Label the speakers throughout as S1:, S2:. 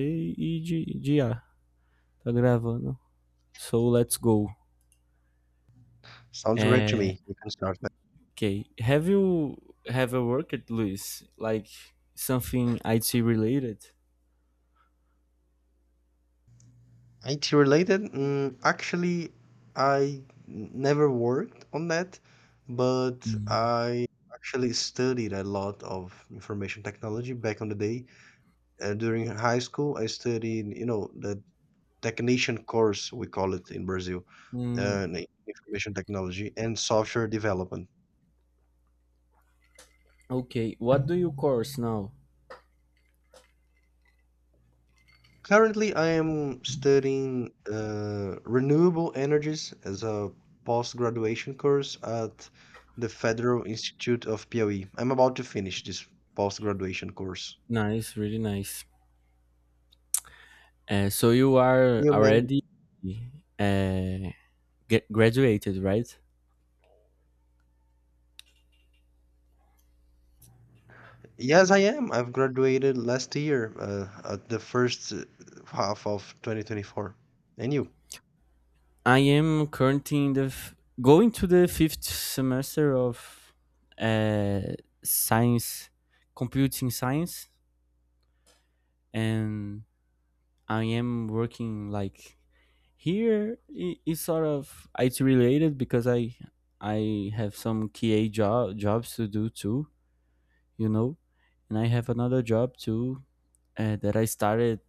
S1: E e de, de ah, Tá gravando. So let's go.
S2: Sounds great to
S1: É,
S2: me. You can start.
S1: okay. Have you worked, Luis? Like something IT related?
S2: IT related? Mm, actually, I never worked on that, but
S1: Mm.
S2: I actually studied a lot of information technology back on the day. During high school, I studied, you know, the technician course, we call it in Brazil,
S1: Mm,
S2: in information technology and software development.
S1: okay. What do you course now?
S2: Currently, I am studying renewable energies as a post graduation course at the Federal Institute of Piauí. I'm about to finish this post graduation course.
S1: Nice, really nice. So you are
S2: You man,
S1: already uh, get graduated, right?
S2: yes, I am. I've graduated last year at the first half of 2024. And you?
S1: I am currently in the going to the fifth semester of uh, science, computing science. And I am working like here is sort of it's related because I have some QA jobs to do too, you know, and I have another job too uh, that I started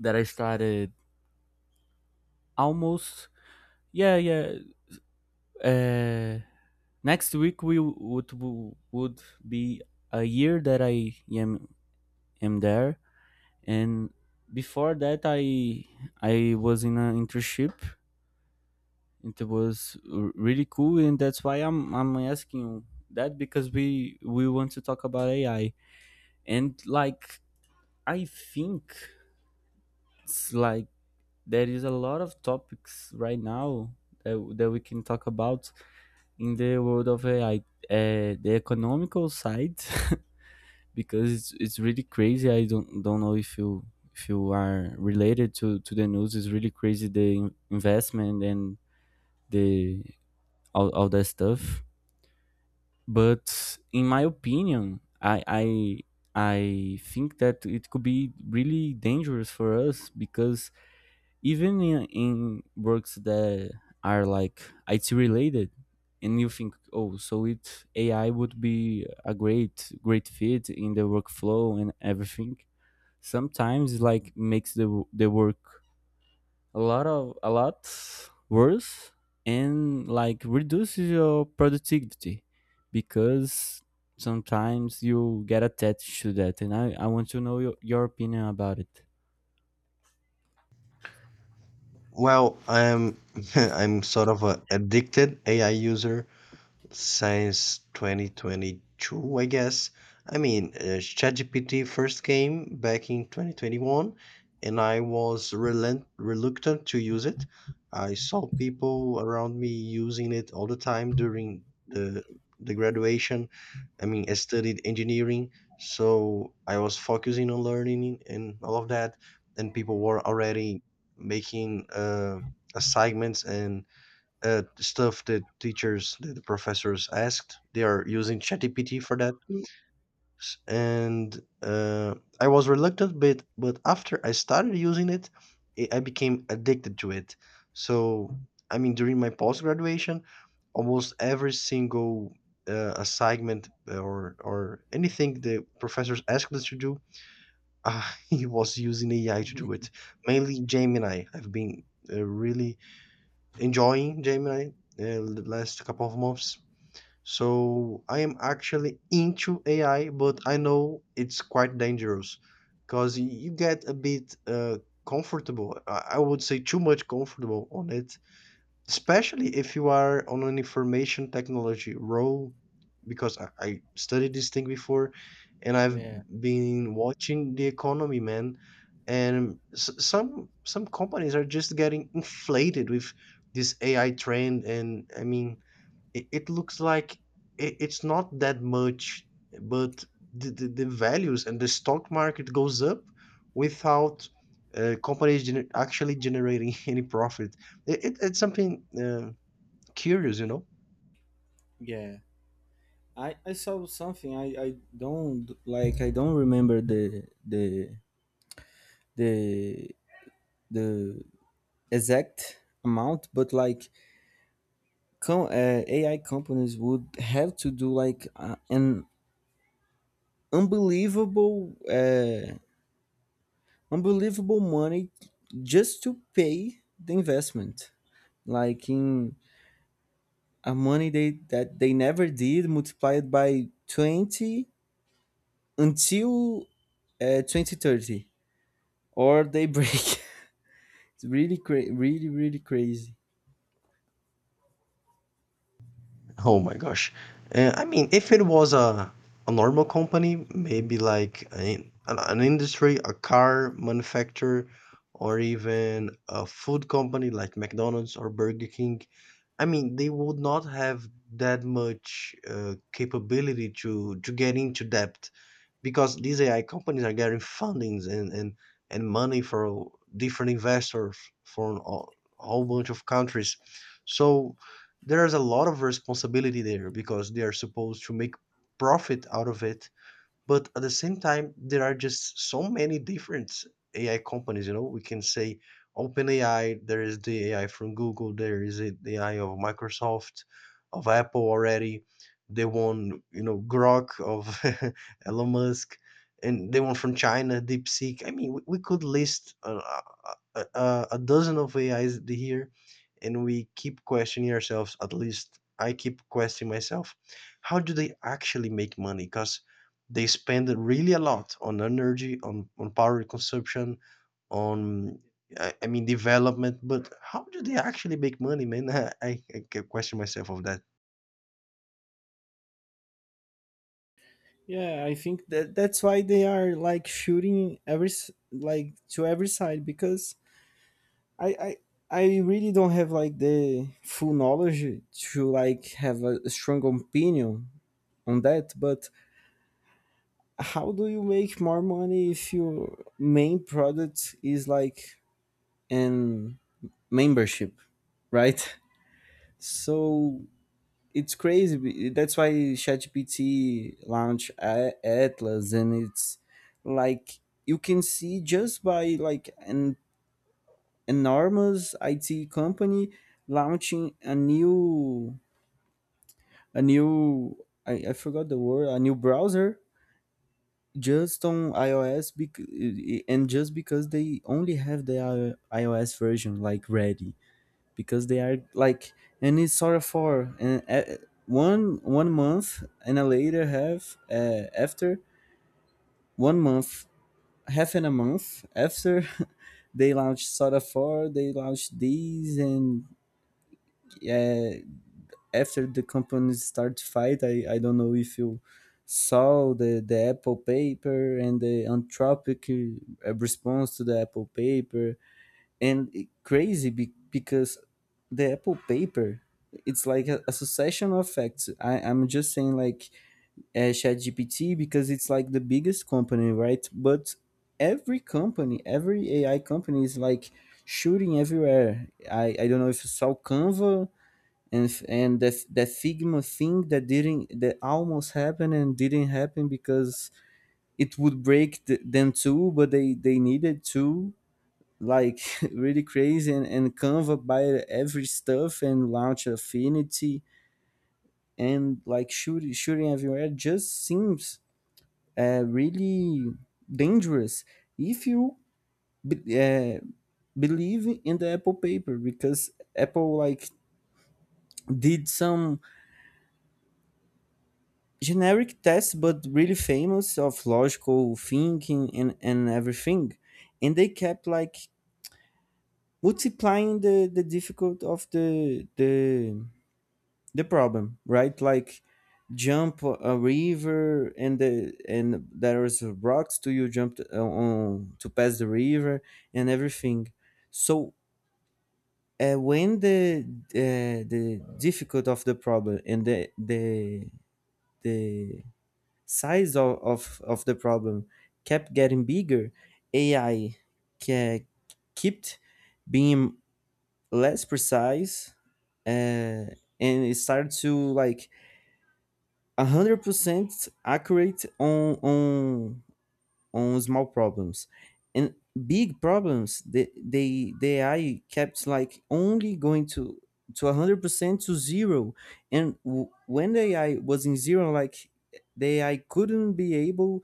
S1: that I started almost yeah yeah, uh, next week we would be a year that I am there, and before that I was in an internship. It was really cool, and that's why I'm asking you that because we want to talk about AI. And like I think it's like there is a lot of topics right now that we can talk about in the world of AI, the economical side, because it's really crazy. I don't know if you are related to the news. It's really crazy the investment and the all that stuff. But in my opinion I think that it could be really dangerous for us, because even in works that are like IT related and you think, oh, so it AI would be a great fit in the workflow and everything, sometimes like makes the work a lot worse and like reduces your productivity, because sometimes you get attached to that. And I want to know your opinion about it.
S2: I'm I'm sort of a addicted AI user since 2022, I guess. I mean, ChatGPT first came back in 2021, and I was reluctant to use it. I saw people around me using it all the time during the graduation. I mean, I studied engineering, so I was focusing on learning and all of that, and people were already making assignments and stuff that the professors asked. They are using ChatGPT for that. S- And I was reluctant, but after I started using it, I became addicted to it. So I mean, during my post graduation, almost every single assignment or anything the professors asked us to do, I was using AI to do it. Mainly Gemini. I've been really enjoying Gemini the last couple of months. So I am actually into AI, but I know it's quite dangerous because you get a bit comfortable. I would say too much comfortable on it, especially if you are on an information technology role because I studied this thing before and I've been watching the economy, man. And some companies are just getting inflated with this AI trend. And I mean, it looks like it's not that much, but the values and the stock market goes up without companies actually generating any profit. It's something curious, you know.
S1: Yeah, I saw something. I don't like I don't remember the the exact amount, but like AI companies would have to do like an unbelievable unbelievable money just to pay the investment, like in a money they that they never did, multiplied by 20 until 2030, or they break. It's really really crazy.
S2: Oh my gosh. I mean, if it was a normal company, maybe like an an industry, a car manufacturer, or even a food company like McDonald's or Burger King, I mean, they would not have that much capability to get into debt because these AI companies are getting fundings and and money for different investors from a whole bunch of countries. So there's a lot of responsibility there because they are supposed to make profit out of it, but at the same time, there are just so many different AI companies, you know, we can say OpenAI, there is the AI from Google, there is the AI of Microsoft, of Apple already, the one, you know, Grok of Elon Musk, and the one from China, DeepSeek. I mean, we could list a a dozen of AIs here, and we keep questioning ourselves, at least I keep questioning myself, how do they actually make money? Because they spend really a lot on energy, on power consumption, on I mean development. But how do they actually make money, man? I question myself of that.
S1: Yeah, I think that that's why they are like shooting every like to every side because I I really don't have like the full knowledge to like have a strong opinion on that, but how do you make more money if your main product is like an membership, right? So it's crazy that's why ChatGPT launched Atlas, and it's like you can see just by like an enormous IT company launching a new I forgot the word, a new browser just on iOS and just because they only have the iOS version like ready, because they are like, and it's sort of for and one month and a later half after 1 month half and a month after they launched Soda 4, they launched these, and uh, after the companies start to fight. I don't know if you saw the Apple paper and the anthropic response to the Apple paper. And it, crazy because the Apple paper, it's like a succession of facts. I'm just saying like ChatGPT because it's like the biggest company, right? But every company, every AI company is like shooting everywhere. I don't know if you saw Canva and that that Figma thing that didn't, that almost happened and didn't happen because it would break them too, but they needed to like really crazy. And Canva buy every stuff and launch Affinity, and like shooting everywhere just seems really dangerous if you be- uh, believe in the Apple paper, because Apple like did some generic test but really famous of logical thinking and everything, and they kept like multiplying the difficult of the problem, right? Like jump a river and the and there was rocks to you jump on to pass the river and everything. So when the difficult of the problem and the size of the problem kept getting bigger, AI ke- kept being less precise uh, and it started to like 100% accurate on small problems. And big problems, the AI kept like only going to 100% to zero. And when the AI was in zero, like the AI couldn't be able,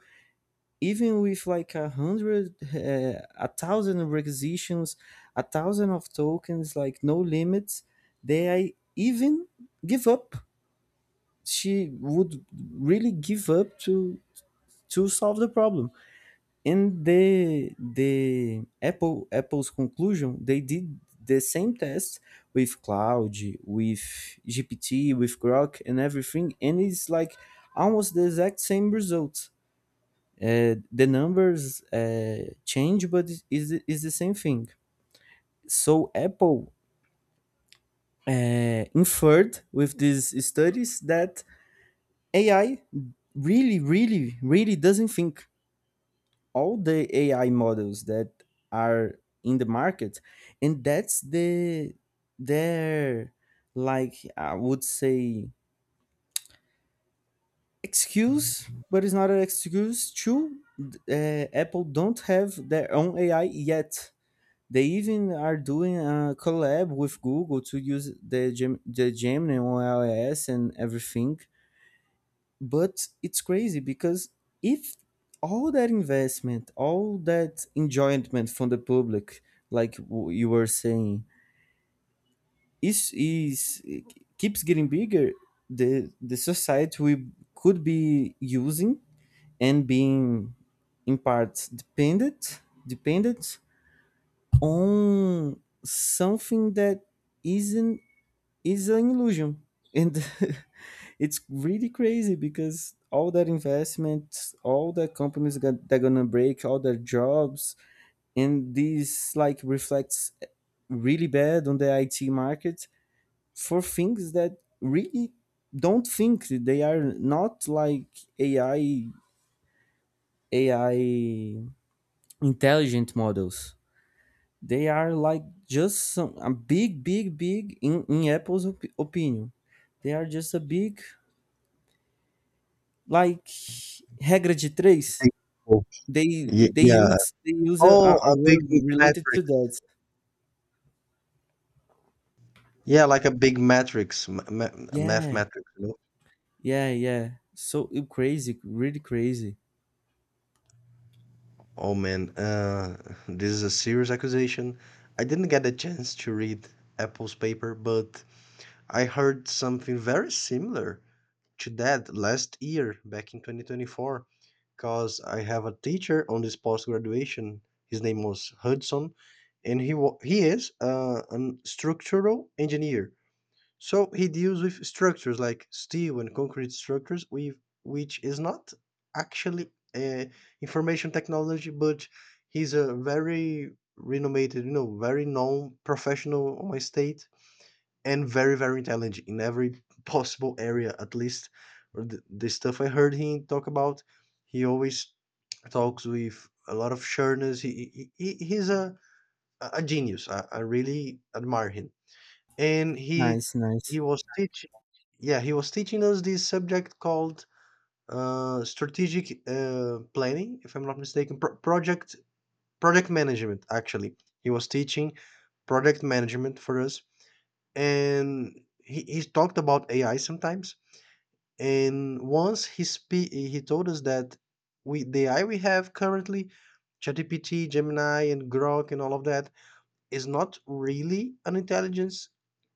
S1: even with like a hundred a thousand requisitions, a thousand of tokens like no limits, they I even give up, she would really give up to solve the problem. And the Apple, Apple's conclusion, they did the same test with cloud, with gpt, with grok and everything, and it's like almost the exact same results. Uh, the numbers change, but is the same thing. So Apple inferred with these studies that AI really, really, really doesn't think, all the AI models that are in the market. And that's the their, like I would say, excuse, but it's not an excuse to Apple don't have their own AI yet. They even are doing a collab with Google to use the Gemini on iOS and everything. But it's crazy, because if all that investment, all that enjoyment from the public, like you were saying, is keeps getting bigger, the the society, we could be using and being in part dependent dependent on something that isn't is an illusion. And it's really crazy, because all that investment all the companies got, they're gonna break all their jobs, and this like reflects really bad on the IT market for things that really don't think, they are not like ai AI intelligent models. They are like just some a big, big, big in Apple's opinion. They are just a big like regra de três.
S2: Big- oh,
S1: They they
S2: yeah.
S1: use
S2: Oh,
S1: a
S2: a big
S1: word related to
S2: matrix.
S1: that.
S2: Yeah, like a big matrix, a math
S1: Yeah,
S2: matrix. You know?
S1: yeah. So crazy, really crazy.
S2: Oh man, this is a serious accusation. I didn't get a chance to read Apple's paper, but I heard something very similar to that last year back in 2024 because I have a teacher on this post graduation. His name was Hudson, and he is an structural engineer. So he deals with structures like steel and concrete structures, with which is not actually uh, information technology, but he's a very renowned, you know, very known professional on my state and very very intelligent in every possible area, at least the stuff I heard him talk about. He always talks with a lot of sureness. He's a genius. I really admire him, and
S1: Nice, nice.
S2: he was teaching yeah he was teaching us this subject called strategic planning, if I'm not mistaken, project management actually. He was teaching project management for us, and he talked about AI sometimes. And once he told us that we the AI we have currently, ChatGPT, Gemini, and Grok, and all of that, is not really an intelligence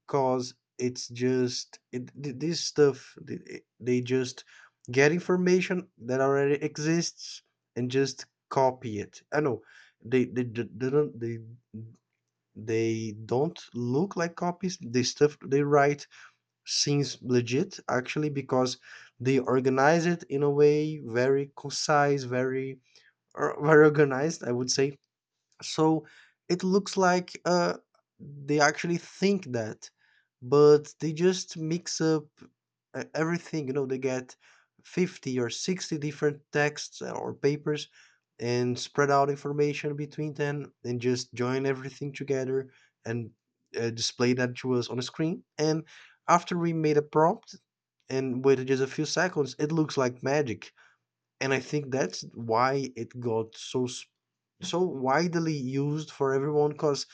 S2: because it's just this stuff, they just get information that already exists and just copy it. I know they, they don't, they don't look like copies. The stuff they write seems legit actually, because they organize it in a way very concise, very organized, I would say. So it looks like they actually think that, but they just mix up everything. You know, they get 50 or 60 different texts or papers and spread out information between them and just join everything together and display that to us on a screen. And after we made a prompt and waited just a few seconds, it looks like magic. And I think that's why it got so widely used for everyone, because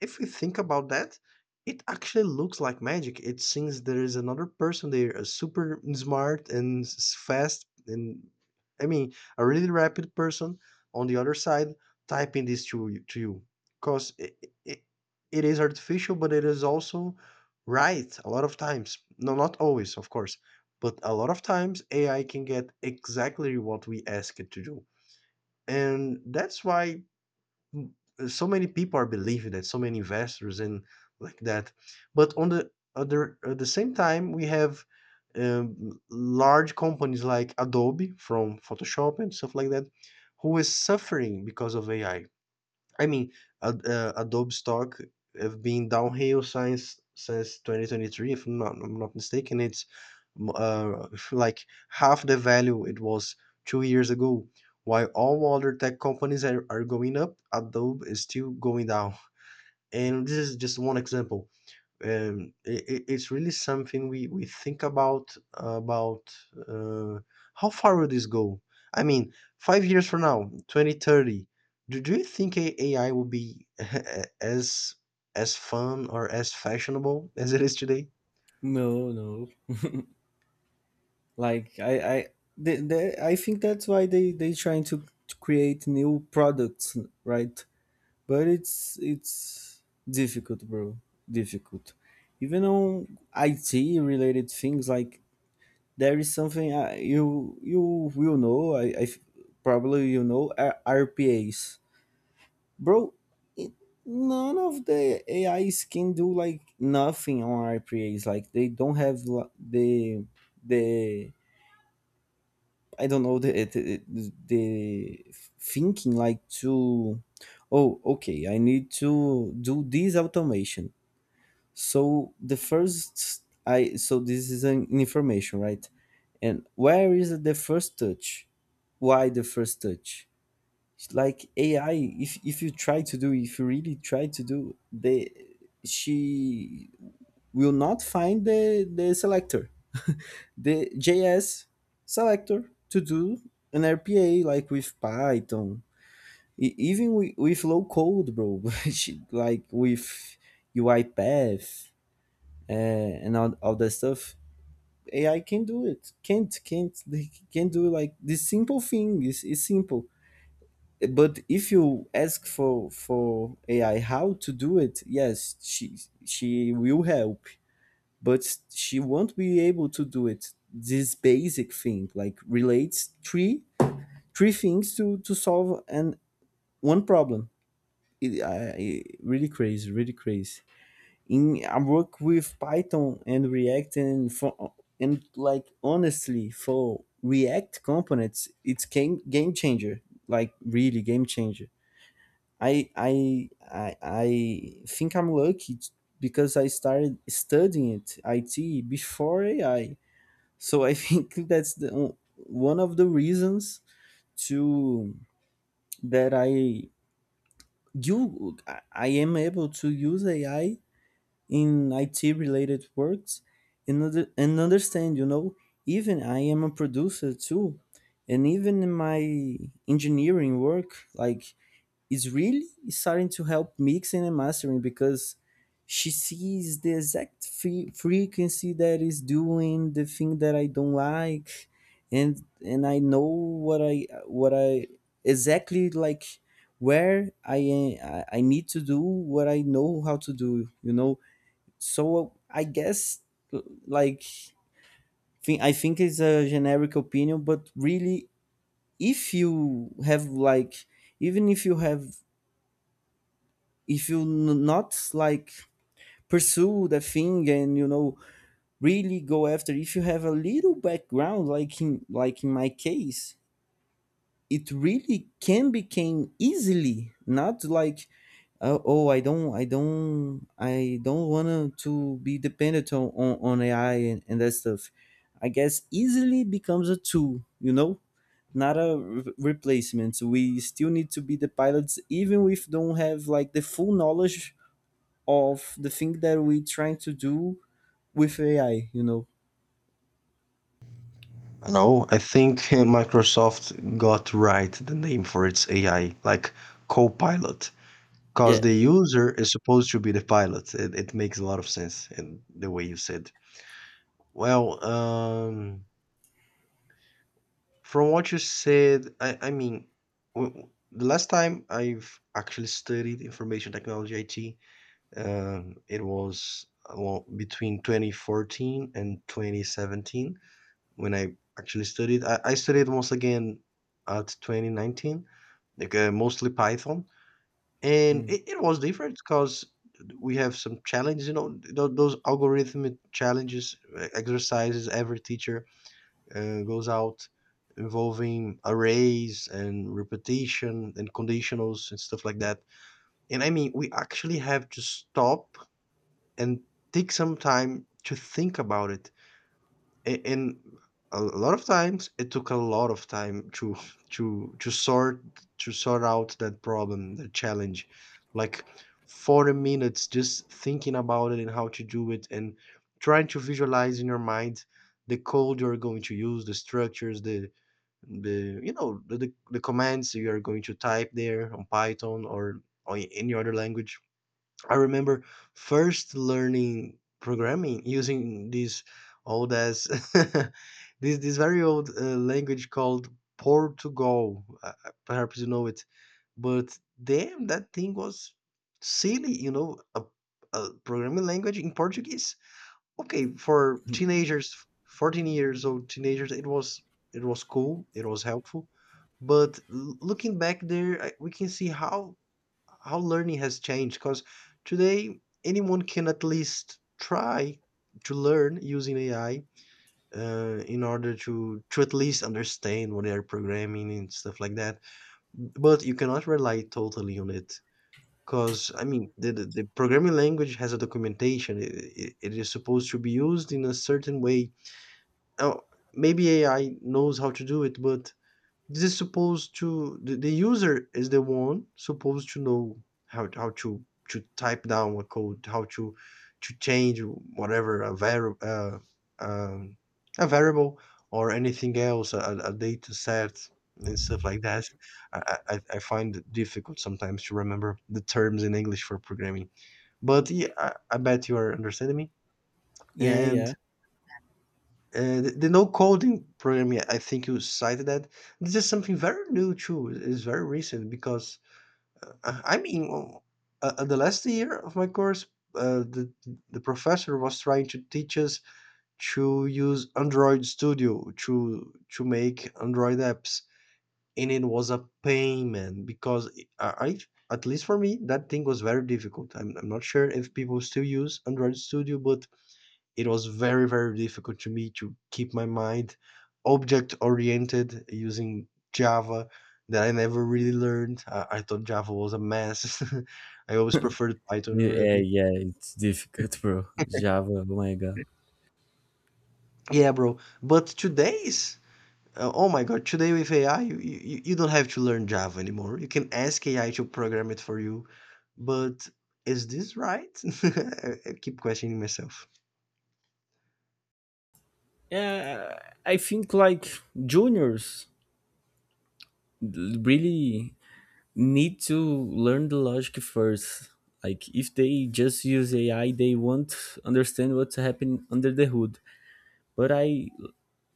S2: if we think about that, it actually looks like magic. It seems there is another person there, a super smart and fast and I mean a really rapid person on the other side, typing this to you, because it, it is artificial, but it is also right a lot of times. No, not always, of course, but a lot of times AI can get exactly what we ask it to do. And that's why so many people are believing that, so many investors and like that. But on the other, at the same time, we have large companies like Adobe from Photoshop and stuff like that, who is suffering because of AI. I mean, Adobe stock have been downhill since 2023, if I'm not mistaken. It's like half the value it was 2 years ago. While all other tech companies are going up, Adobe is still going down. And this is just one example. It's really something we think about, uh, how far will this go? I mean, 5 years from now, 2030, do you think AI will be as as fun or as fashionable as it is today?
S1: No, no. Like I, they, I think that's why they trying to create new products, right? But it's difficult, bro. Difficult. Even on IT related things, like there is something you will know. I probably you know RPAs, bro. It, none of the AIs can do like nothing on RPAs. Like they don't have the the I don't know the thinking like to, oh, okay, I need to do this automation. So the first I, so this is an information, right? And where is the first touch? Why the first touch? It's like AI, if you try to do, if you really try to do the, she will not find the selector, the JS selector to do an RPA like with Python. Even with low code, bro, which, like with UiPath and all that stuff. AI can do it. Can't, they can do like this simple thing. It's simple. But if you ask for AI how to do it, yes, she will help, but she won't be able to do it this basic thing, like relates three things to solve and one problem. It, really crazy, really crazy. In, I work with Python and React, and for, and like honestly for React components it's game changer, like really game changer. I think I'm lucky because I started studying it it before AI, so I think that's the one of the reasons to that I you I am able to use AI in IT related works and, and understand, you know. Even I am a producer too, and even in my engineering work like is really starting to help mixing and mastering, because she sees the exact frequency that is doing the thing that I don't like, and and I know what I exactly like where I need to do what I know how to do. You know, so I guess l- like I think it's a generic opinion, but really, if you have like, even if you have, if you not like pursue the thing and you know really go after, if you have a little background, like in my case, it really can become easily not like oh, I don't want to be dependent on AI and that stuff. I guess easily becomes a tool, you know, not a replacement. We still need to be the pilots, even if don't have like the full knowledge of the thing that we're trying to do with AI, you know.
S2: No, I think Microsoft got right the name for its AI, like Copilot, because the
S1: Yeah.
S2: user is supposed to be the pilot. It makes a lot of sense in the way you said. Well, from what you said, I mean, the last time I've actually studied information technology, IT, it was well, between 2014 and 2017 when I actually studied. I studied once again at 2019, like mostly Python, and
S1: Hmm.
S2: it was different because we have some challenges. You know, those algorithmic challenges, exercises. Every teacher goes out involving arrays and repetition and conditionals and stuff like that. And I mean, we actually have to stop and take some time to think about it and a lot of times it took a lot of time to to to sort sort out that problem, the challenge, like 40 minutes just thinking about it and how to do it and trying to visualize in your mind the code you're going to use, the structures, the you know, the commands you are going to type there on Python or on any other language. I remember first learning programming using this old as this very old language called Portugal. Perhaps you know it, but damn, that thing was silly. You know, a programming language in Portuguese. Okay, for teenagers, 14 years old teenagers, it was cool. It was helpful, but looking back there, I, we can see how learning has changed, because today anyone can at least try to learn using AI in order to at least understand what they are programming and stuff like that. But you cannot rely totally on it because I mean the programming language has a documentation. It is supposed to be used in a certain way. Now maybe AI knows how to do it, but this is supposed to the user is the one supposed to know how to type down a code, how to change whatever a variable um, a variable or anything else, a data set and stuff like that. I find it difficult sometimes to remember the terms in English for programming, but yeah, I bet you are understanding me.
S1: Yeah,
S2: And
S1: yeah.
S2: the no coding program, yeah, I think you cited that. This is something very new too. It's very recent because I mean, well, the last year of my course, uh, the the professor was trying to teach us to use Android Studio to make Android apps, and it was a pain, man, because I, I, at least for me, that thing was very difficult. I'm not sure if people still use Android Studio, but it was very very difficult to me to keep my mind object oriented using Java that I never really learned. I thought Java was a mess. I always preferred Python or
S1: Yeah,
S2: Ruby.
S1: yeah, it's difficult, bro. Java, oh my god.
S2: Yeah, bro. But today's oh my god, today with AI, you don't have to learn Java anymore. You can ask AI to program it for you. But is this right? I keep questioning myself.
S1: Yeah, I think like juniors really need to learn the logic first. Like if they just use AI, they won't understand what's happening under the hood. But I,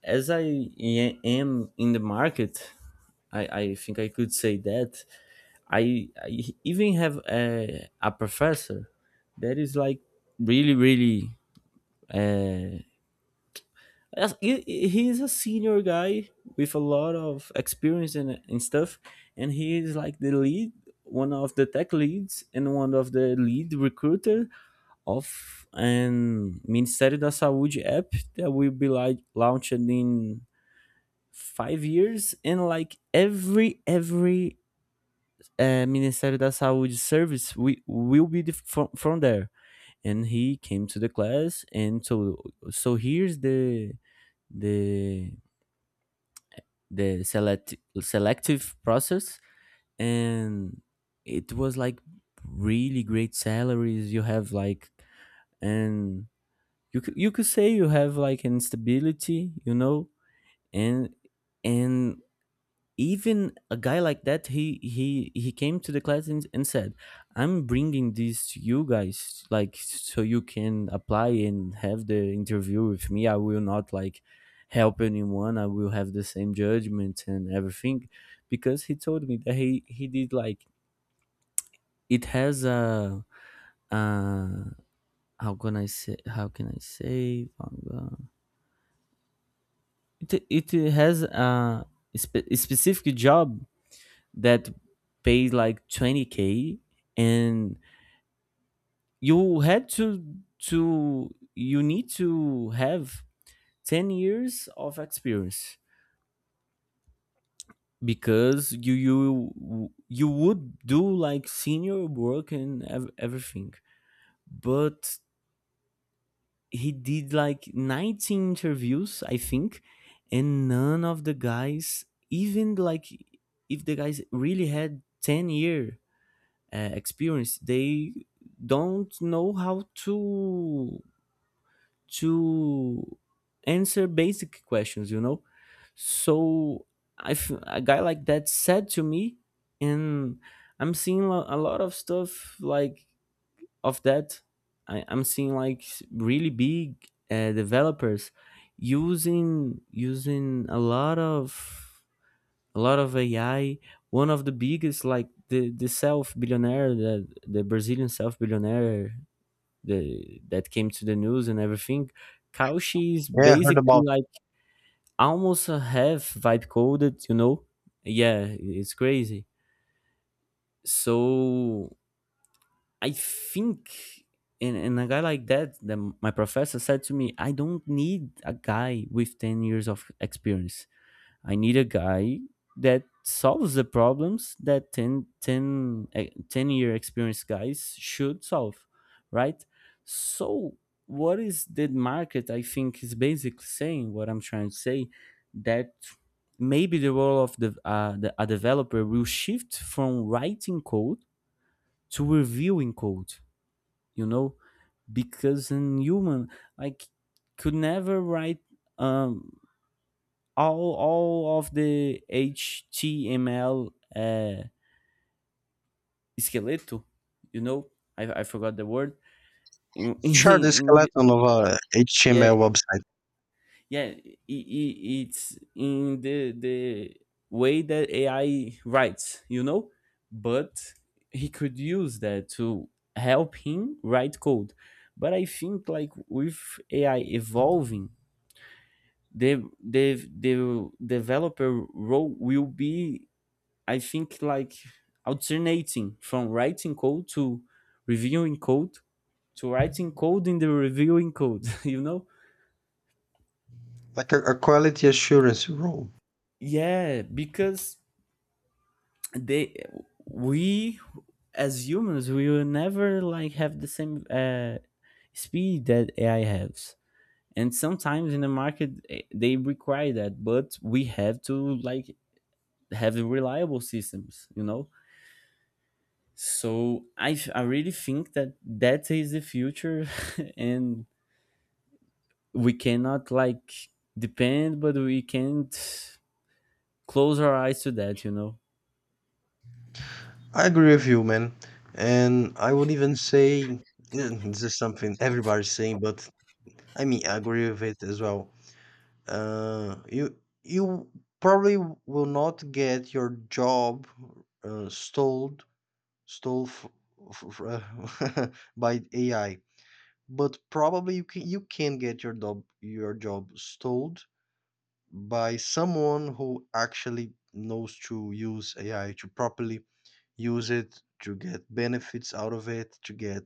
S1: as I am in the market, I think I could say that I even have a professor that is like really really uh, he is a senior guy with a lot of experience and stuff and he is like the lead, one of the tech leads and one of the lead recruiter of an Ministério da Saúde app that will be like launched in five years, and like every Ministério da Saúde service will be from there. And he came to the class, and so here's the the selective process, and it was like really great salaries. You have like, and you could say you have like instability, you know, and and even a guy like that, he came to the class and said, I'm bringing this to you guys like so you can apply and have the interview with me. I will not like help anyone. I will have the same judgment and everything, because he told me that he did like, it has a uh how can I say, how can I say — it it has a specific job that paid like 20K, and you had to you need to have 10 years of experience because you would do like senior work and everything. But he did like 19 interviews, I think, and none of the guys, even like, if the guys really had 10 year experience, they don't know how to answer basic questions, you know. So if a guy like that said to me, and I'm seeing a lot of stuff like of that, I'm seeing like really big developers using a lot of AI. One of the biggest, like the self billionaire, the Brazilian self billionaire, the that came to the news and everything. Cauchy is
S2: Yeah, I heard
S1: basically
S2: about.
S1: like almost a half vibe coded. You know, yeah, it's crazy. So I think. And a guy like that, my professor said to me, I don't need a guy with 10 years of experience. I need a guy that solves the problems that 10-year experienced guys should solve, right? So, what is the market? I think is basically saying what I'm trying to say, that maybe the role of the a developer will shift from writing code to reviewing code, you know, because in human, like, could never write. Um, all of the HTML skeleto, you know, I forgot the word. In,
S2: Sure, the
S1: in the-
S2: skeleton of a
S1: yeah,
S2: HTML website.
S1: yeah, I it's in the way that AI writes, you know, but he could use that to help him write code. But I think like with AI evolving, the developer role will be, I think like, alternating from writing code to reviewing code, to writing code in the reviewing code, you know?
S2: Like a quality assurance role.
S1: Yeah, because they, we, as humans we will never like have the same speed that AI has. And sometimes in the market they require that, but we have to like have reliable systems, you know? So I really think that that is the future, and we cannot like depend, but we can't close our eyes to that, you know.
S2: I agree with you, man. And I would even say yeah, this is something everybody's saying, but I mean, I agree with it as well. Uh, you you probably will not get your job stole stole f- f- f- by AI, but probably you can get your job stole by someone who actually knows to use AI to properly use it, to get benefits out of it, to get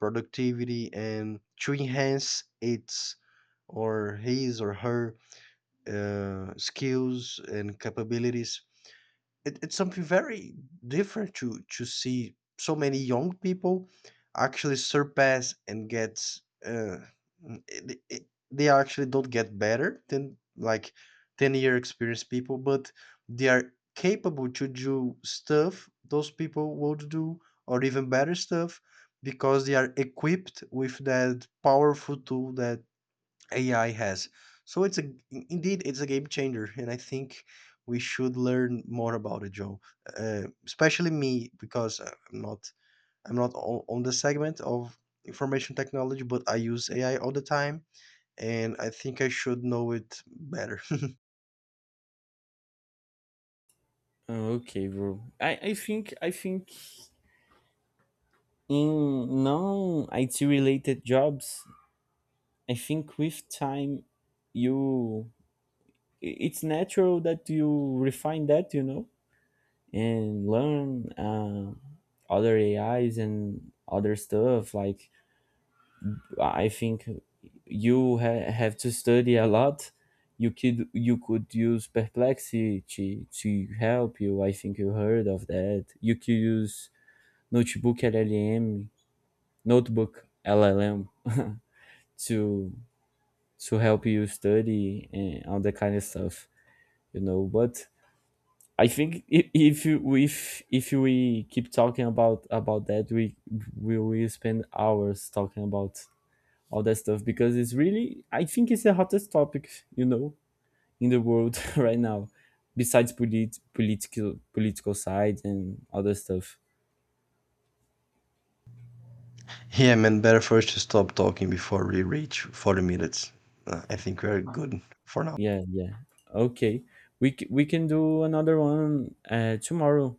S2: productivity and to enhance its or his or her skills and capabilities. It's something very different to see so many young people actually surpass and get uh, they actually don't get better than like 10-year experienced people, but they are capable to do stuff those people would do, or even better stuff, because they are equipped with that powerful tool that AI has. So it's a, indeed it's a game changer, and I think we should learn more about it, Joe. Especially me, because I'm not on the segment of information technology, but I use AI all the time, and I think I should know it better.
S1: Okay, bro. I think I think in non IT related jobs, I think with time you, it's natural that you refine that, you know, and learn other AIs and other stuff. Like I think you have to study a lot. You could, you could use perplexity to help you. I think you heard of that. You could use notebook LLM, notebook LLM to to help you study and all that kind of stuff. You know, but I think if you, if we keep talking about that, we will spend hours talking about all that stuff because it's really, I think it's the hottest topic, you know, in the world, right now, besides political political side and other stuff.
S2: Yeah, man, better first to stop talking before we reach 40 minutes. I think we're good for now.
S1: Yeah, yeah. Okay, we we can do another one tomorrow.